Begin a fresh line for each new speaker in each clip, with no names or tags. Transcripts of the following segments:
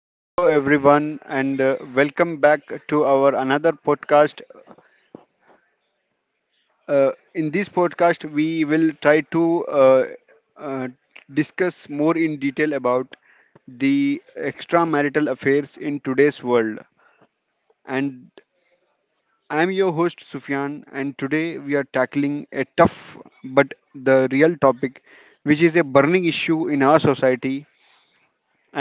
Hello, everyone, and welcome back to our another podcast. In this podcast, we will try to uh, discuss more in detail about the extramarital affairs in today's world. And I'm your host, Sufyan, and today we are tackling a tough but the real topic, which is a burning issue in our society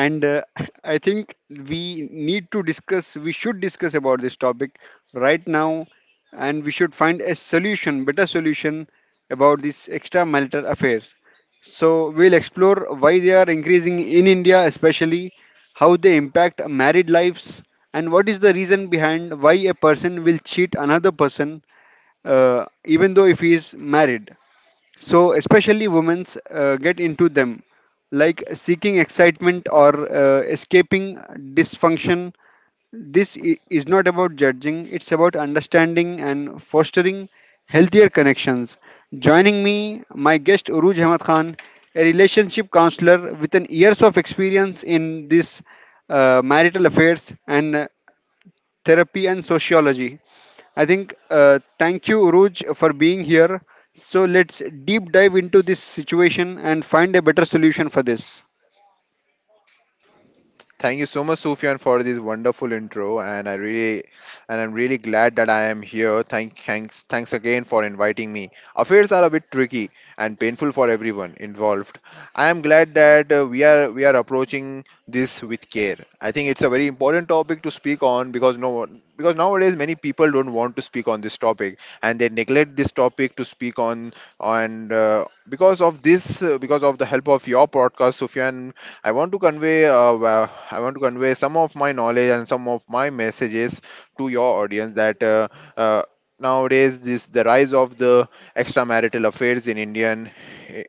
and I think we need to discuss we should discuss about this topic right now, and we should find a solution better solution about these extramarital affairs. So we'll explore why they are increasing in India, especially how they impact married lives, and what is the reason behind why a person will cheat another person even though if he is married. So especially women's get into them, like seeking excitement or escaping dysfunction. This is not about judging; it's about understanding and fostering healthier connections. Joining me, my guest Uruj Ahmad Khan, a relationship counselor with an years of experience in this marital affairs and therapy and sociology. I think thank you, Uruj, for being here. So let's deep dive into this situation and find a better solution for this.
Thank you so much, Sufyan, for this wonderful intro, and and I'm really glad that I am here. Thanks again for inviting me. Affairs are a bit tricky and painful for everyone involved. I am glad that we are approaching this with care. I think it's a very important topic to speak on because no, one- because nowadays many people don't want to speak on this topic, and they neglect this topic to speak on because of this, because of the help of your podcast, Sufyan. I want to convey wa- I want to convey some of my knowledge and some of my messages to your audience that uh, nowadays this the rise of the extramarital affairs in Indian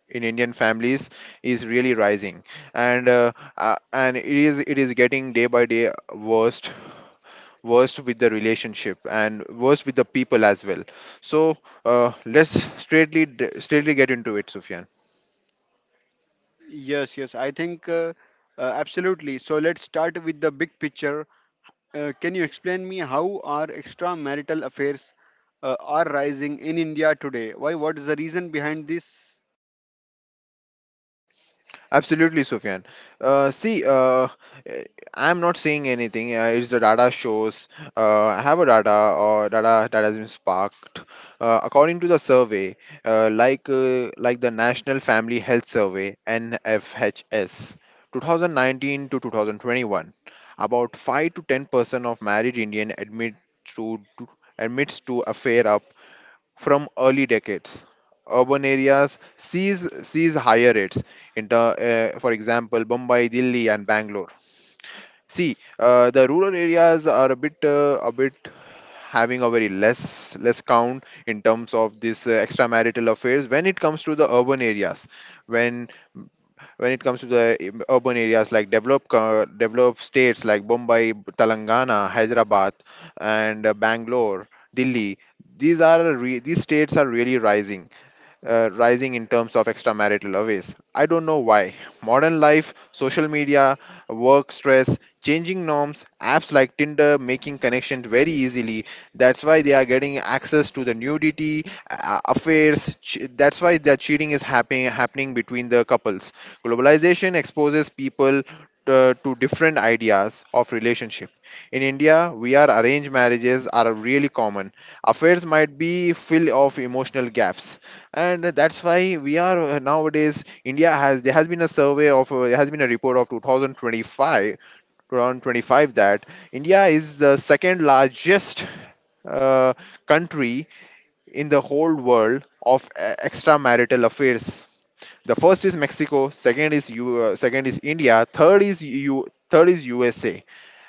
in Indian families is really rising, and it is getting day by day worst with the relationship and worst with the people as well. So let's straightly straightly get into it, Sufyan.
Yes, yes, I think absolutely. So let's start with the big picture. Can you explain me how our extramarital affairs are rising in India today? Why? What is the reason behind this?
Absolutely, Sufyan. See, eh, I'm not saying anything. It's the data shows. I have a data or data that has been sparked. According to the survey, like the National Family Health Survey (NFHS), 2019 to 2021, about 5 to 10% of married Indian to to- admits to affair up from early decades. Urban areas sees higher rates. For example, Bombay, Delhi, and Bangalore. See, the rural areas are a bit having a very less count in terms of this extramarital affairs when it comes to the urban areas, when when it comes to the urban areas like developed states like Bombay, Telangana, Hyderabad, and Bangalore, Delhi. These states are really rising in terms of extramarital affairs. I don't know why. Modern life, social media, work stress, changing norms, apps like Tinder making connections very easily. That's why they are getting access to the nudity, affairs. That's why the cheating is happening between the couples. Globalization exposes people to different ideas of relationship. In India, we are arranged marriages are really common. Affairs might be fill of emotional gaps, and that's why we are nowadays India has there has been a report of 2025 that India is the second largest uh, country in the whole world of extramarital affairs. The first is Mexico, second is India, third is USA,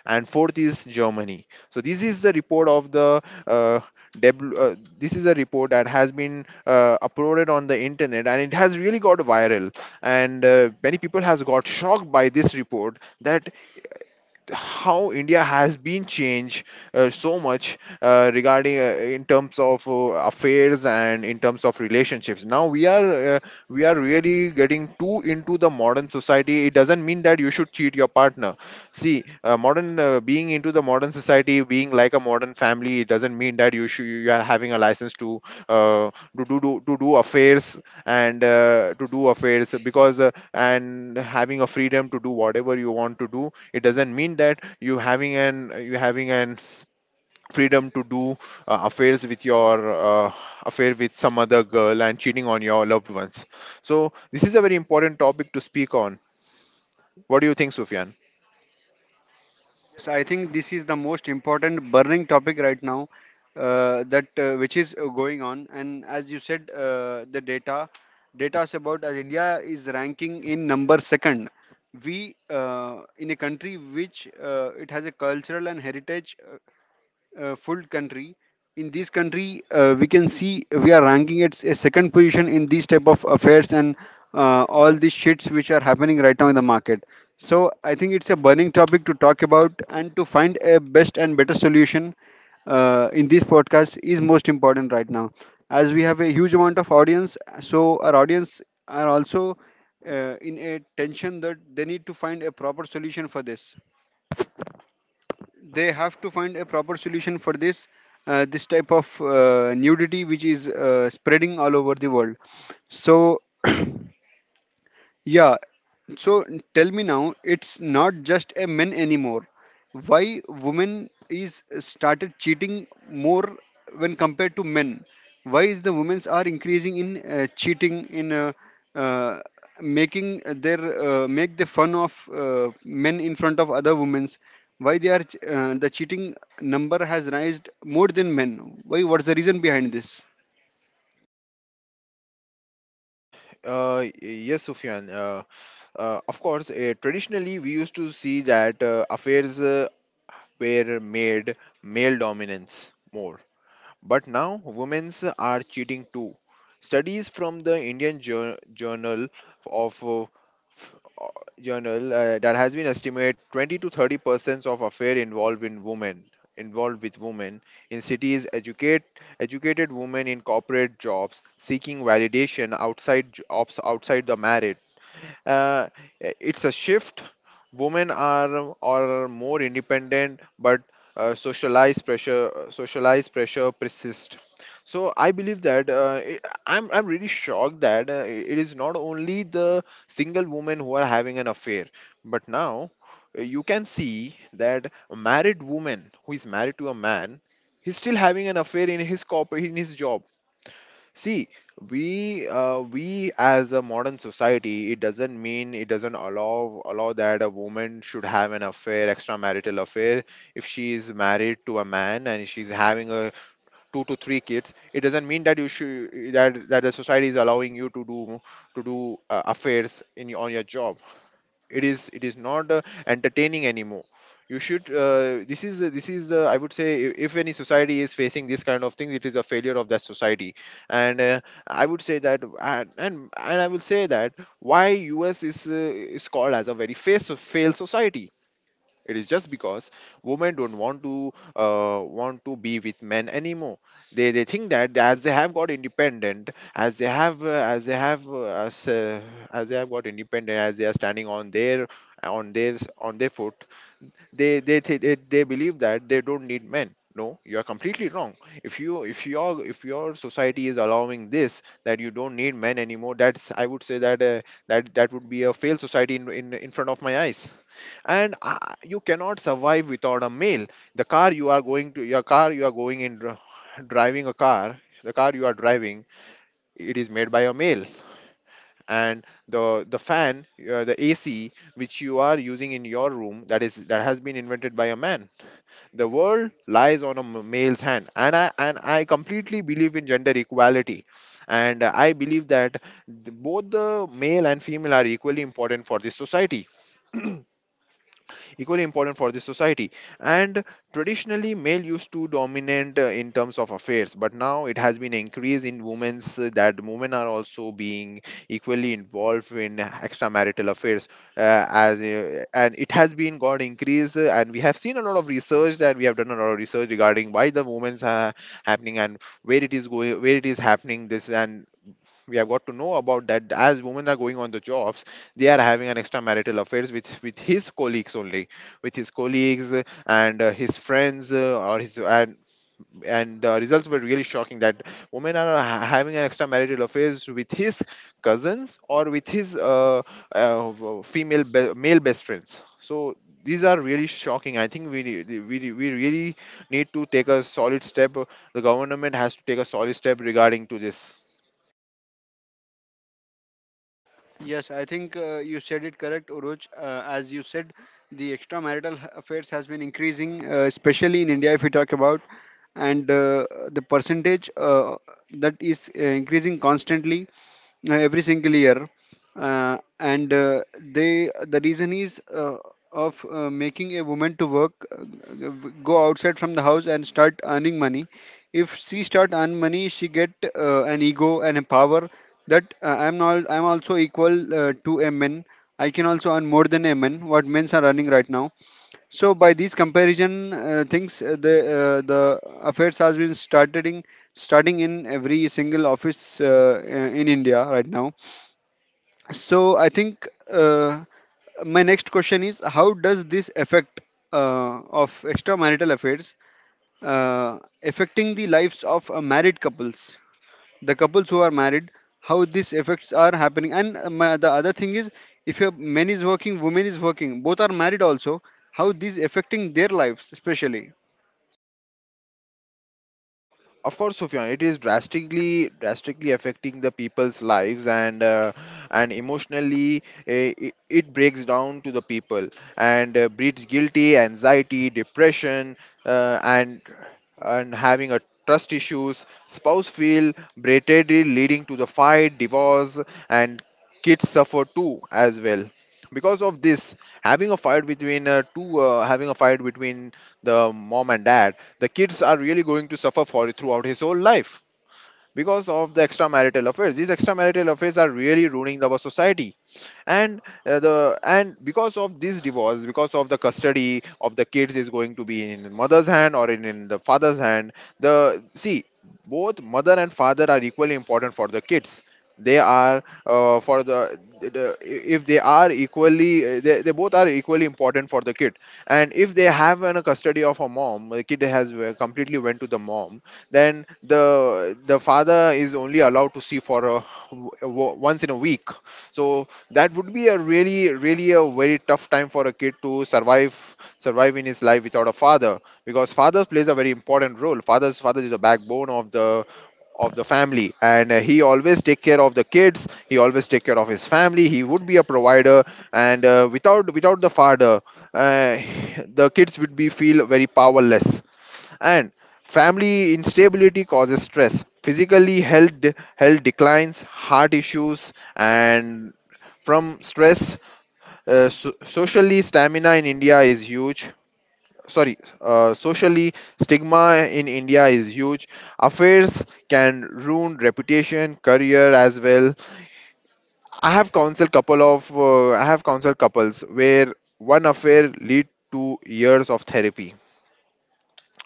and fourth is Germany. So this is the report of the uh, this is a report that has been uploaded on the internet, and it has really got viral, and many people has got shocked by this report that how India has been changed so much, regarding, in terms of affairs and in terms of relationships. Now we are really getting too into the modern society. It doesn't mean that you should cheat your partner. See, modern being into the modern society, being like a modern family, it doesn't mean that you are having a license to uh, do affairs because and having a freedom to do whatever you want to do. It doesn't mean that you having an freedom to do uh, affairs with your uh, affair with some other girl and cheating on your loved ones. So this is a very important topic to speak on. What do you think, Sufyan?
Yes, I think this is the most important burning topic right now that which is going on. And as you said, the data is about as India is ranking in number second. We in a country which it has a cultural and heritage, full country. In this country we can see we are ranking at a second position in these type of affairs and all these shits which are happening right now in the market. So I think it's a burning topic to talk about, and to find a best and better solution in this podcast is most important right now, as we have a huge amount of audience. So our audience are also in a tension that they need to find a proper solution for this. They have to find a proper solution for this this type of nudity which is spreading all over the world. So yeah, so tell me now, it's not just a men anymore. Why women is started cheating more when compared to men? Why is the women's are increasing in cheating in uh, making their make the fun of men in front of other women's? Why they are the cheating number has raised more than men? Why? What's the reason behind this?
Yes, Sufyan, of course. Traditionally, we used to see that affairs were made male dominance more. But now women's are cheating too. Studies from the Indian Journal of uh, Journal that has been estimated 20 to 30% of affair involved with women in cities, educated women in corporate jobs seeking validation outside jobs outside the marriage. uh, it's a shift, women are more independent, but socialized pressure persists. So I believe that I'm really shocked that it is not only the single women who are having an affair, but now you can see that a married woman who is married to a man, he's still having an affair in his job. See, we as a modern society, it doesn't allow that a woman should have an affair, extramarital affair. If she is married to a man and she's having a 2 to 3 kids, it doesn't mean that you should that the society is allowing you to do affairs on your job. It is not entertaining anymore. You should this is the I would say I- If any society is facing this kind of things, it is a failure of that society. And I would say that, and I will say that, why US is called as a very face failed society. It is just because women don't want to be with men anymore. They think that as they have got independent, as they have uh, as, uh, as they have got independent, as they are standing on their on their foot, they believe that they don't need men. No, you are completely wrong. If your society is allowing this, that you don't need men anymore, that's I would say that that that would be a failed society, in front of my eyes. And you cannot survive without a meal. The car you are going to your car you are going in dr- driving a car, the car you are driving, it is made by a male. And the fan, the AC which you are using in your room, that has been invented by a man. The world lies on a male's hand, and I completely believe in gender equality. And I believe that both the male and female are equally important for this society equally important for the society. And traditionally, male used to dominate in terms of affairs, but now it has been increased in women's, that women are also being equally involved in extramarital affairs, as and it has been got increase, and we have seen a lot of research, and we have done a lot of research regarding why the women's are happening and where it is going, where it is happening this. And we have got to know about that, as women are going on the jobs, they are having an extramarital affairs with his colleagues, only with his colleagues, and his friends, or his, and the results were really shocking, that women are having an extramarital affairs with his cousins, or with his male best friends. So these are really shocking. I think we, re- we really need to take a solid step. The government has to take a solid step regarding to this.
Yes, I think you said it correct, Uruj. As you said, the affairs has been increasing, especially in India, if we talk about, and the percentage that is increasing constantly every single year. And They the reason is of making a woman to work, go outside from the house and start earning money. If she start earn money, she get an ego and a power that I'm not, I'm also equal to a man. I can also earn more than a man what men's are earning right now. So by these comparison things the affairs has been starting in every single office in India right now. So I think uh, my next question is how does this affect uh, of extramarital affairs uh, affecting the lives of married couples, the couples who are married, how these effects are happening? And my, the other thing is, if a man is working, woman is working, both are married also, how these affecting their lives especially?
Of course, Sufyan, it is drastically affecting the people's lives, and emotionally, it breaks down to the people, and breeds guilty, anxiety, depression, uh, and and having a trust issues, spouse feel berated, leading to the fight, divorce. And kids suffer too as well, because of this, having a fight between two having a fight between the mom and dad. The kids are really going to suffer for it throughout his whole life because of the extramarital affairs. These extramarital affairs are really ruining our society. And uh, the and because of this divorce, because of the custody of the kids, is going to be in the mother's hand or in the father's hand. The see both mother and father are equally important for the kids. They are for the if they are equally they both are equally important for the kid. And if they have an custody of a mom, the kid has completely went to the mom, then the father is only allowed to see for once in a week. So that would be a really really a very tough time for a kid to survive, survive in his life without a father, because fathers plays a very important role. Father is the backbone of the family, and he always take care of the kids, he always take care of his family, he would be a provider. And uh, without without the father, uh, the kids would be feel very powerless. And family instability causes stress, physically health, health declines, heart issues, and from stress, socially stamina in India is huge. Sorry, socially stigma in India is huge. Affairs can ruin reputation, career as well. I have counseled couples where one affair lead to years of therapy,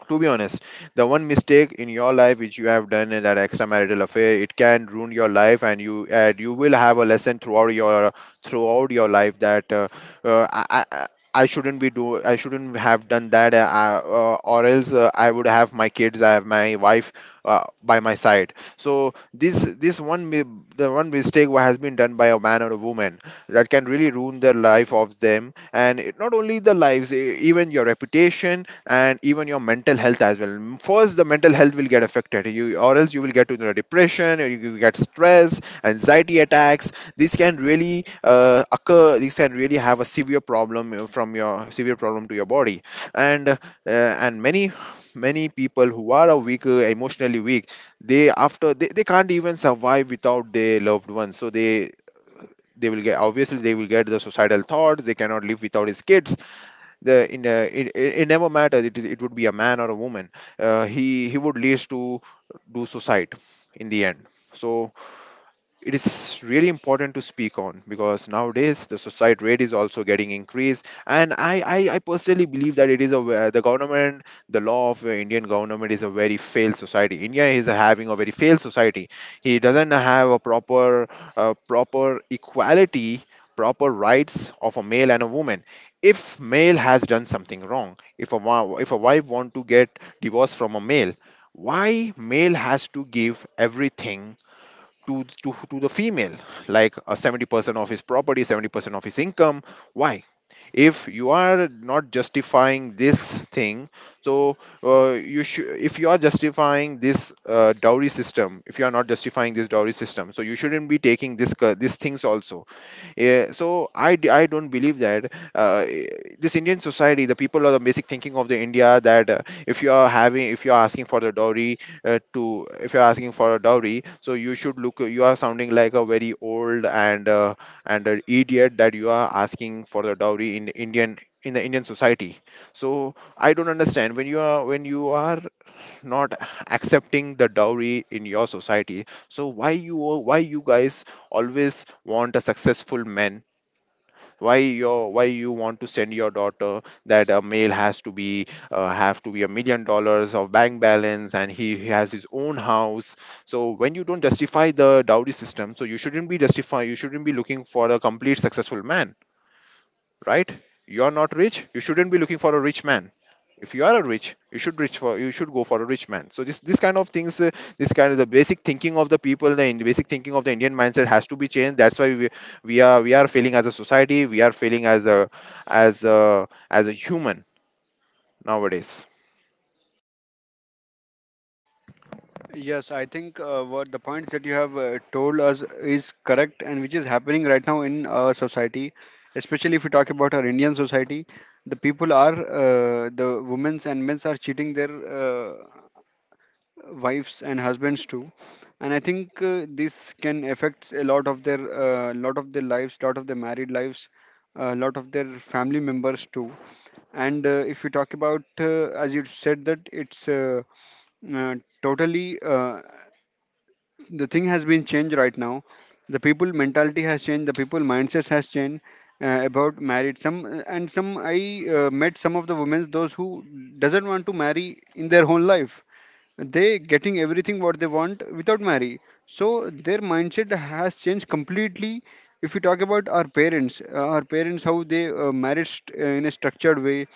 to be honest. The one mistake in your life which you have done in that extramarital affair, it can ruin your life, and you will have a lesson throughout your life that I I shouldn't be do I shouldn't have done that, or else I would have my kids, I have my wife by my side. So this the one mistake what has been done by a man or a woman, that can really ruin the life of them. And not only the lives, even your reputation and even your mental health as well. First the mental health will get affected, you or else you will get into a depression, or you will get stress, anxiety attacks. These can really occur, these can really have a severe problem, to your body. And uh, and many many people who are a weak, emotionally weak, they can't even survive without their loved ones, so they will get, obviously they will get the suicidal thoughts. They cannot live without his kids. The in it, it, it never matters. It would be a man or a woman, he would lead to do suicide in the end. So it is really important to speak on, because nowadays the suicide rate is also getting increased. And I personally believe that it is a ve- the government, the law of Indian government is a very failed society. India is having a very failed society. He doesn't have a proper proper equality, proper rights of a male and a woman. If male has done something wrong, if a wife want to get divorced from a male, why male has to give everything to the female, like 70% of his property, 70% of his income? Why? If you are not justifying this thing, so you should, if you are justifying this dowry system, if you are not justifying this dowry system, so you shouldn't be taking these things also. Yeah, so I don't believe that this Indian society, the people are, the basic thinking of the India that if you are asking for the dowry, if you are asking for a dowry, so you should look, you are sounding like a very old and an idiot that you are asking for the dowry in Indian, in the Indian society. So I don't understand, when you are not accepting the dowry in your society, so why you guys always want a successful man? Why you want to send your daughter that a male has to be, have to be $1 million of bank balance, and he has his own house? So when you don't justify the dowry system, so you shouldn't be looking for a complete successful man, right? You are not rich, you shouldn't be looking for a rich man. If you are a rich, you should go for a rich man. So this kind of things, this kind of, the basic thinking of the people, the basic thinking of the Indian mindset has to be changed. That's why we are failing as a society, we are failing as a as a human nowadays.
Yes, I think what the points that you have told us is correct and which is happening right now in our society, especially if we talk about our Indian society. The people are the women's and men's are cheating their uh, wives and husbands too. And I think this can affect a lot of their lives, lot of their married lives, a lot of their family members too. And if you talk about as you said that it's uh, totally the thing has been changed right now. The people mentality has changed, the people mindsets has changed about married. Some and some I met some of the women those who doesn't want to marry in their whole life. They getting everything what they want without marry. So their mindset has changed completely. If we talk about our parents, our parents how they in a structured way,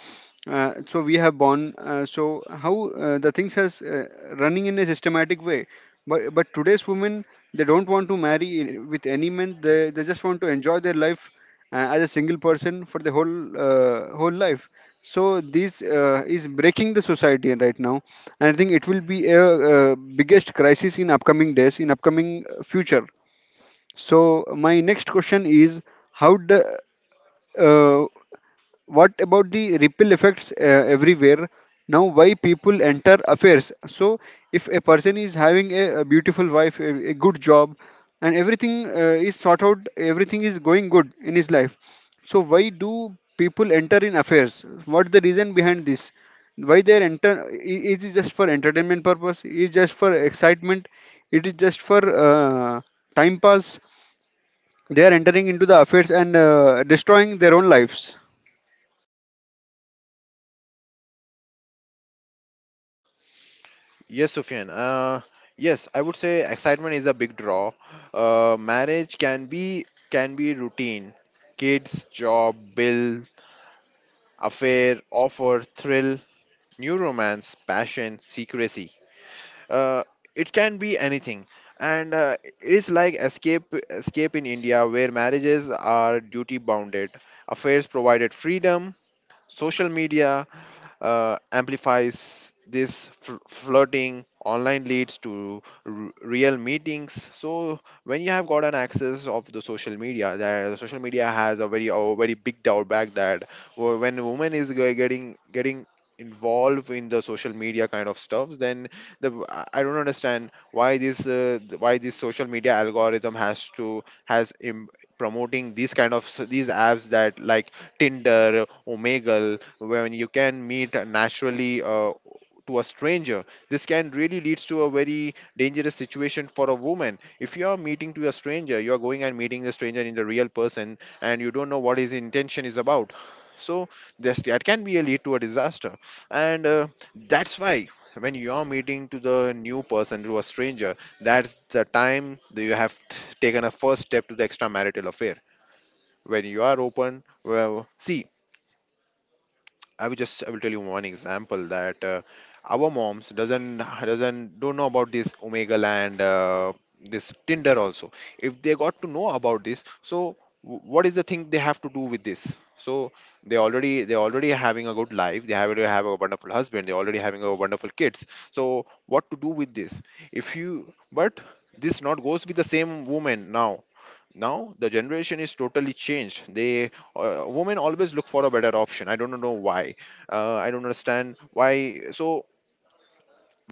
so we have born. So how the things has running in a systematic way, but today's women, they don't want to marry with any man. They just want to enjoy their life as a single person for the whole whole life. So this is breaking the society right now, and I think it will be a biggest crisis in upcoming days, in upcoming future. So my next question is, how the uh, what about the ripple effects everywhere now? Why people enter affairs? So if a person is having a beautiful wife, a good job and everything is sort out, everything is going good in his life, so why do people enter in affairs? What's the reason behind this? Why they are is it just for entertainment purpose? Is just for excitement? It is just for time pass? They are entering into the affairs and destroying their own lives.
Yes, Sufyan, yes, I would say excitement is a big draw. Marriage can be, can be routine. Kids, job, bill. Affair offer thrill, new romance, passion, secrecy. uh, it can be anything. And it is like escape, escape in India where marriages are duty bounded. Affairs provided freedom. Social media amplifies this, flirting online leads to real meetings. So when you have got an access of the social media, that social media has a very, a very big drawback that when a woman is getting involved in the social media kind of stuff, then the I don't understand why this why this social media algorithm has to promoting these kind of these apps, that like Tinder, Omegle, when you can meet naturally to a stranger. This can really leads to a very dangerous situation for a woman. If you are meeting to a stranger, you are going and meeting the stranger in the real person, and you don't know what his intention is about. So this, that can be a lead to a disaster, and that's why when you are meeting to the new person, to a stranger, that's the time that you have taken a first step to the extramarital affair. When you are open, well, see, I will just, I will tell you one example that our moms doesn't, don't know about this Omega and this Tinder also. If they got to know about this, so what is the thing they have to do with this? So they already having a good life. They already have a wonderful husband. They already having a wonderful kids. So what to do with this? If you, but this not goes with the same woman now. Now the generation is totally changed. They women always look for a better option, I don't know why, I don't understand why. So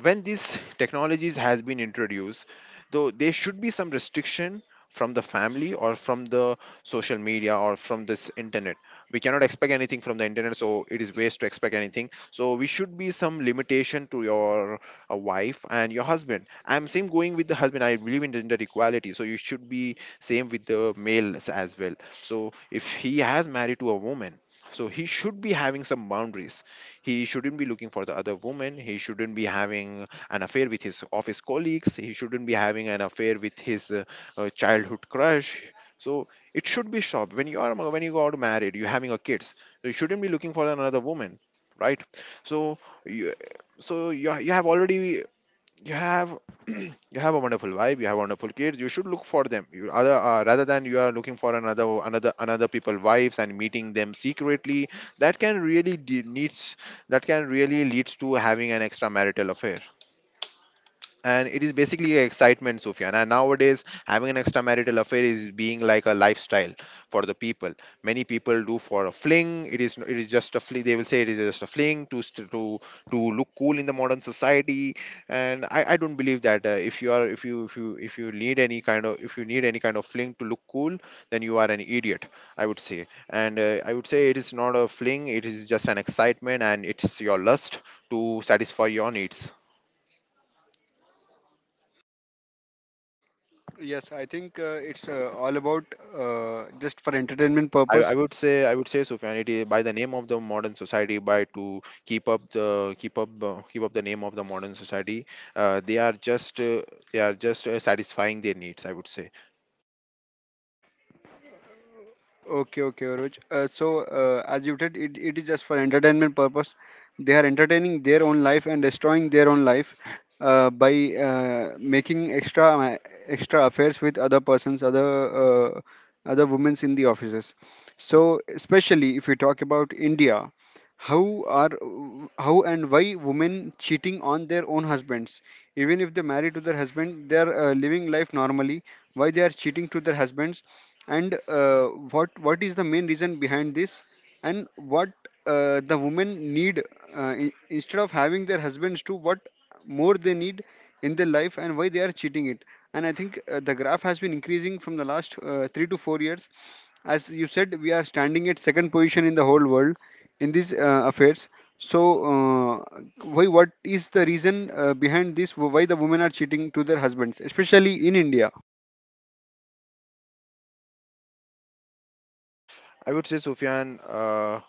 when these technologies has been introduced, though there should be some restriction, from the family or from the social media or from this internet. We cannot expect anything from the internet, so it is waste to expect anything, so we should be some limitation to your wife and your husband. I'm same going with the husband, I believe in gender equality, so you should be same with the males as well. So if he has married to a woman, so he should be having some boundaries. He shouldn't be looking for the other woman. He shouldn't be having an affair with his office colleagues. He shouldn't be having an affair with his childhood crush. So it should be stopped. When you are, when you got married, you're having a kids. So you shouldn't be looking for another woman, right? So you you have already, you have you have a wonderful vibe, you have wonderful kids, you should look for them, you other rather than you are looking for another another people wives and meeting them secretly. That can really leads to having an extramarital affair. And it is basically a excitement, Sufyan, and nowadays having an extramarital affair is being like a lifestyle for the people. Many people do for a fling, it is, it is just a fling, they will say it is just a fling to look cool in the modern society. And I don't believe that if you need any kind of, if you need any kind of fling to look cool, then you are an idiot, I would say. And I would say it is not a fling, it is just an excitement and it's your lust to satisfy your needs.
Yes, I think it's all about just for entertainment
I, I
purpose.
would say I would say Sufyan, it is by the name of the modern society, by to keep up the keep up the name of the modern society, uh, they are just uh, they are just satisfying their needs, I would say.
Okay, okay, Roj. So, as you said, it is just for entertainment purpose. They are entertaining their own life and destroying their own life by making extra affairs with other persons, other uh, other women in the offices. So, especially if we talk about India, how are, how and why women cheating on their own husbands? Even if they marry to their husband, they are living life normally. Why they are cheating to their husbands? And what is the main reason behind this? And what the women need in, instead of having their husbands, to what more they need in their life, and why they are cheating it? And I think the graph has been increasing from the last 3 to 4 years. As you said, we are standing at second position in the whole world in these affairs. So uh, why, what is the reason behind this, why the women are cheating to their husbands, especially in India?
I would say Sufyan,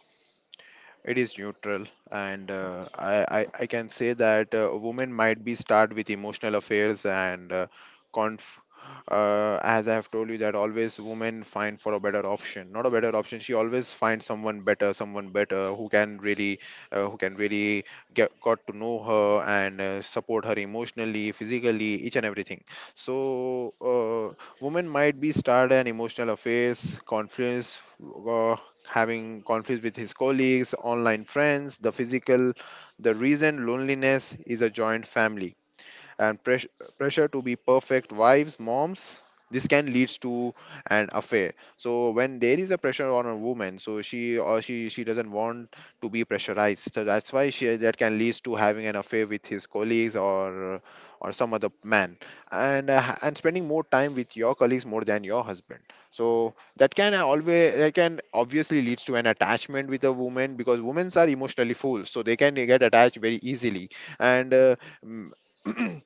it is neutral, and I can say that women might be start with emotional affairs and conf. As I have told you that always women find for a better option, not a better option. She always finds someone better who can really get got to know her and support her emotionally, physically, each and everything. So women might be start an emotional affairs, confidence, uh, having conflicts with his colleagues, online friends, the physical, the reason loneliness is a joint family, and pressure to be perfect wives, moms. This can leads to an affair. So when there is a pressure on a woman, so she or she she doesn't want to be pressurized, so that's why she, that can leads to having an affair with his colleagues, or some other man. And spending more time with your colleagues more than your husband, so that can always, that can obviously leads to an attachment with a woman, because women are emotionally fools, so they can get attached very easily. and uh, mm,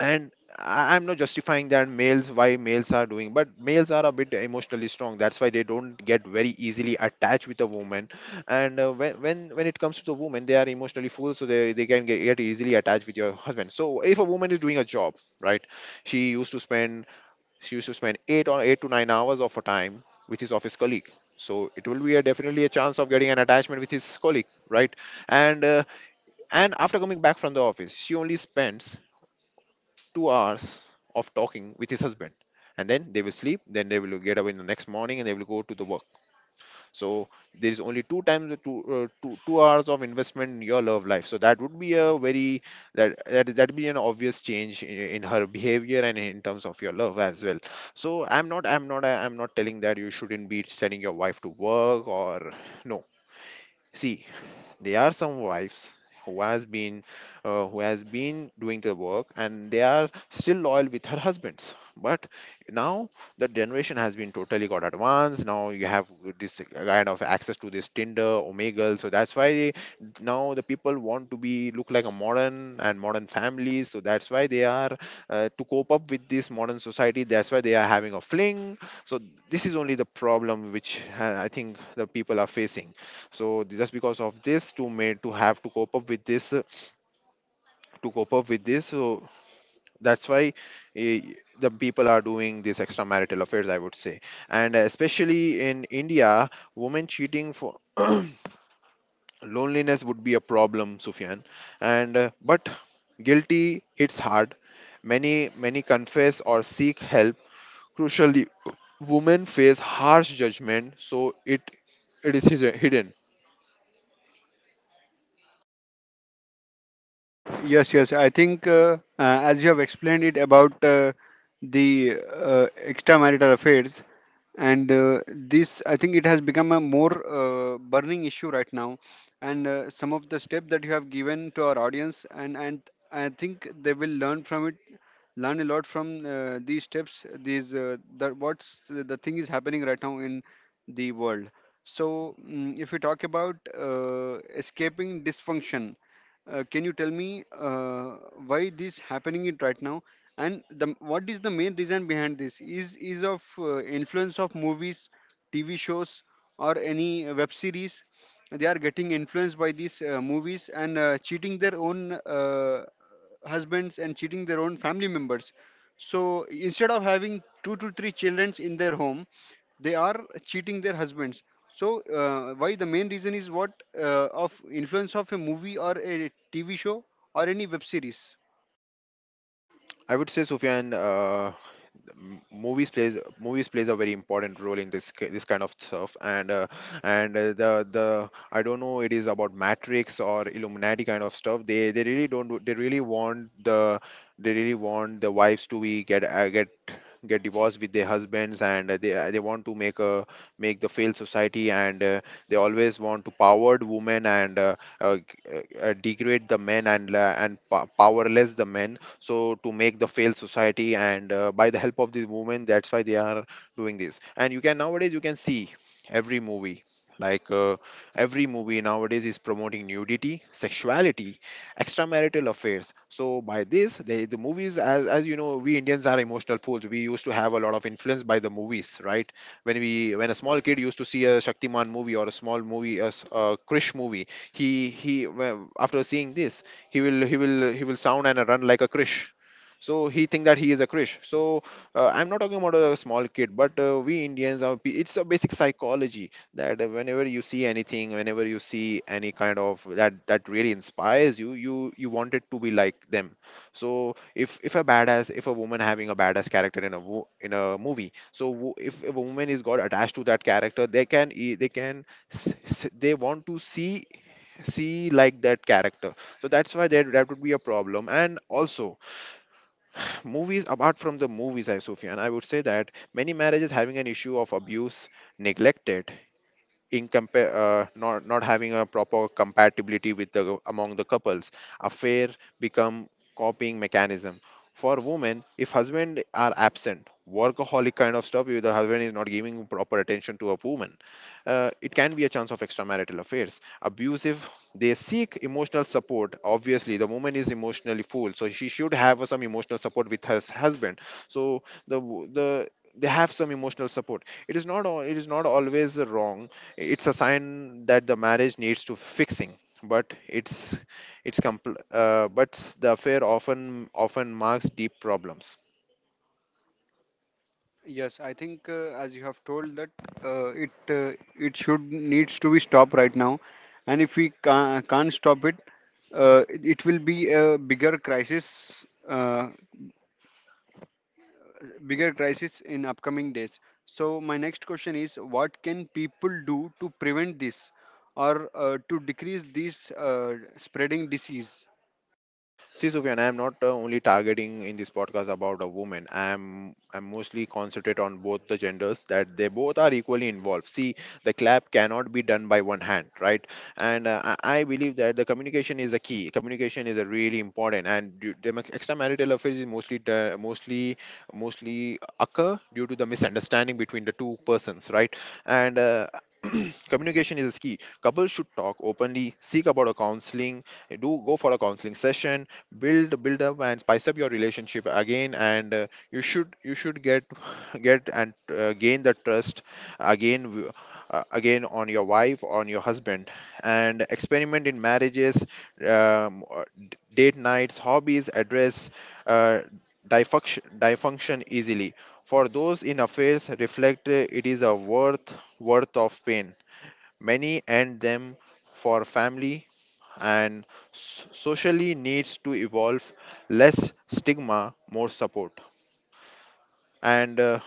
and I'm not justifying that males, why males are doing, but males are a bit emotionally strong, that's why they don't get very easily attached with a woman. And when it comes to the woman, they are emotionally full, so they can get easily attached with your husband. So if a woman is doing a job, right, she used to spend she used to spend 8 or 8 to 9 hours of her time with his office colleague, so it will be a, definitely a chance of getting an attachment with his colleague, right. And uh, and after coming back from the office, she only spends 2 hours of talking with his husband. And then they will sleep, then they will get up in the next morning and they will go to the work. So there is only two times, two, two hours of investment in your love life. So that would be a very, that be an obvious change in her behavior and in terms of your love as well. So I'm not telling that you shouldn't be sending your wife to work, or no. See, there are some wives who has been, doing the work and they are still loyal with her husbands. But now the generation has been totally got advanced. Now you have this kind of access to this Tinder, Omegle. So that's why now the people want to be look like a modern and modern families. So that's why they are, to cope up with this modern society. That's why they are having a fling. So this is only the problem which, I think, the people are facing. So just because of this, to made to have to cope up with this, so that's why, eh, the people are doing this extramarital affairs, I would say. And especially in India, women cheating for loneliness would be a problem, Sufyan. And but guilty hits hard. Many confess or seek help. Crucially, women face harsh judgment, so it is hidden,
Yes, yes. I think as you have explained it about the extramarital affairs, and this, I think it has become a more burning issue right now. And some of the steps that you have given to our audience, and I think they will learn from it, learn a lot from these steps. These the what's the thing is happening right now in the world. So, mm if we talk about escaping dysfunction, can you tell me why this happening it right now, and the what is the main reason behind this? Is of influence of movies, TV shows, or any web series? They are getting influenced by these movies and cheating their own husbands and cheating their own family members. So instead of having two to three children in their home, they are cheating their husbands. So why the main reason is what, of influence of a movie or a TV show or any web series?
I would say, Sufyan. Movies plays a very important role in this kind of stuff. And and the I don't know, it is about Matrix or Illuminati kind of stuff. They really don't do- they really want the wives to be get, get divorced with their husbands. And they want to make a, make the failed society, and they always want to powered women, uh, g- uh, degrade the men, and powerless the men. So to make the failed society, and by the help of these women, that's why they are doing this. And you can, nowadays you can see every movie, like uh, every movie nowadays is promoting nudity, sexuality, extramarital affairs. So by this, they, the movies, as you know, we Indians are emotional fools, we used to have a lot of influence by the movies, right. When a small kid used to see a Shaktiman movie or a small movie, a Krish movie, he well, after seeing this, he will sound and run like a Krish. So he think that he is a Krish. So I'm not talking about a small kid, but we Indians are. It's a basic psychology that, whenever you see anything, whenever you see any kind of, that really inspires you, you want it to be like them. So if a badass, if a woman having a badass character in in a movie, if a woman is got attached to that character, they can, they want to see, like that character. So that's why that would be a problem. And also, movies, apart from the movies, I Sufyan, I would say that many marriages having an issue of abuse, neglected, in compare, not having a proper compatibility with the, among the couples, affair become copying mechanism for women, if husband are absent, workaholic kind of stuff, if the husband is not giving proper attention to a woman. It can be a chance of extramarital affairs, abusive. They seek emotional support, obviously the woman is emotionally full, so she should have some emotional support with her husband. So the, they have some emotional support, it is not al- it is not always wrong. It's a sign that the marriage needs to fixing, but but the affair often marks deep problems.
Yes, I think as you have told that it it should needs to be stopped right now. And if we can't stop it, it it will be a bigger crisis, uh, bigger crisis in upcoming days. So my next question is, what can people do to prevent this, or to decrease this spreading disease?
See, Sufyan, I am not, only targeting in this podcast about a woman. I'm mostly concentrate on both the genders, that they both are equally involved. See, the clap cannot be done by one hand, right? And I believe that the communication is a key. Communication is a really important, and extramarital affairs is mostly occur due to the misunderstanding between the two persons, right? And communication is key, couples should talk openly, seek about a counseling, do go for a counseling session, build up and spice up your relationship again, and you should get get, and gain the trust again, again on your wife, on your husband. And experiment in marriages, um, uh, date nights, hobbies, address, uh, dysfunction easily. For those in affairs, reflect, it is a worth of pain. Many end them for family. And socially needs to evolve. Less stigma, more support. And uh,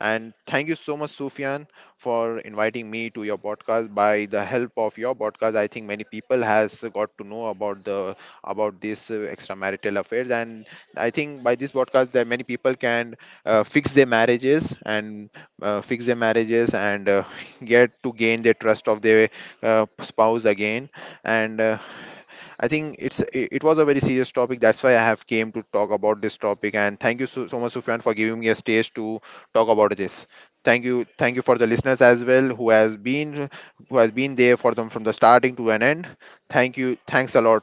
and thank you so much, Sufyan, for inviting me to your podcast. By the help of your podcast, I think many people has got to know about the about this, extramarital affairs. And I think by this podcast, that many people can, uh, fix their marriages and fix their marriages and get to gain the trust of their, spouse again. And I think it was a very serious topic. That's why I have came to talk about this topic. And thank you so, so much, Sufyan, for giving me a stage to talk about this. Thank you for the listeners as well, who has been there for them from the starting to an end. Thank you, thanks a lot.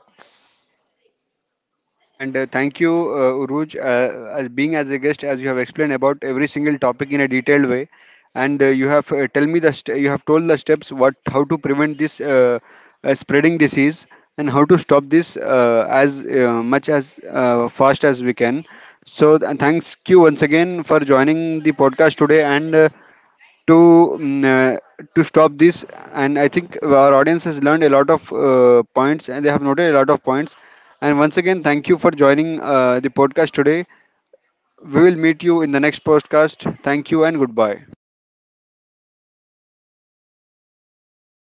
And thank you, Uruj, as being as a guest, as you have explained about every single topic in a detailed way, and you have tell me the st- you have told the steps what how to prevent this spreading disease and how to stop this as much as fast as we can. So thanks you once again for joining the podcast today, and to mm, uh, to stop this. And I think our audience has learned a lot of points and they have noted a lot of points. And once again, thank you for joining the podcast today. We will meet you in the next podcast. Thank you and goodbye.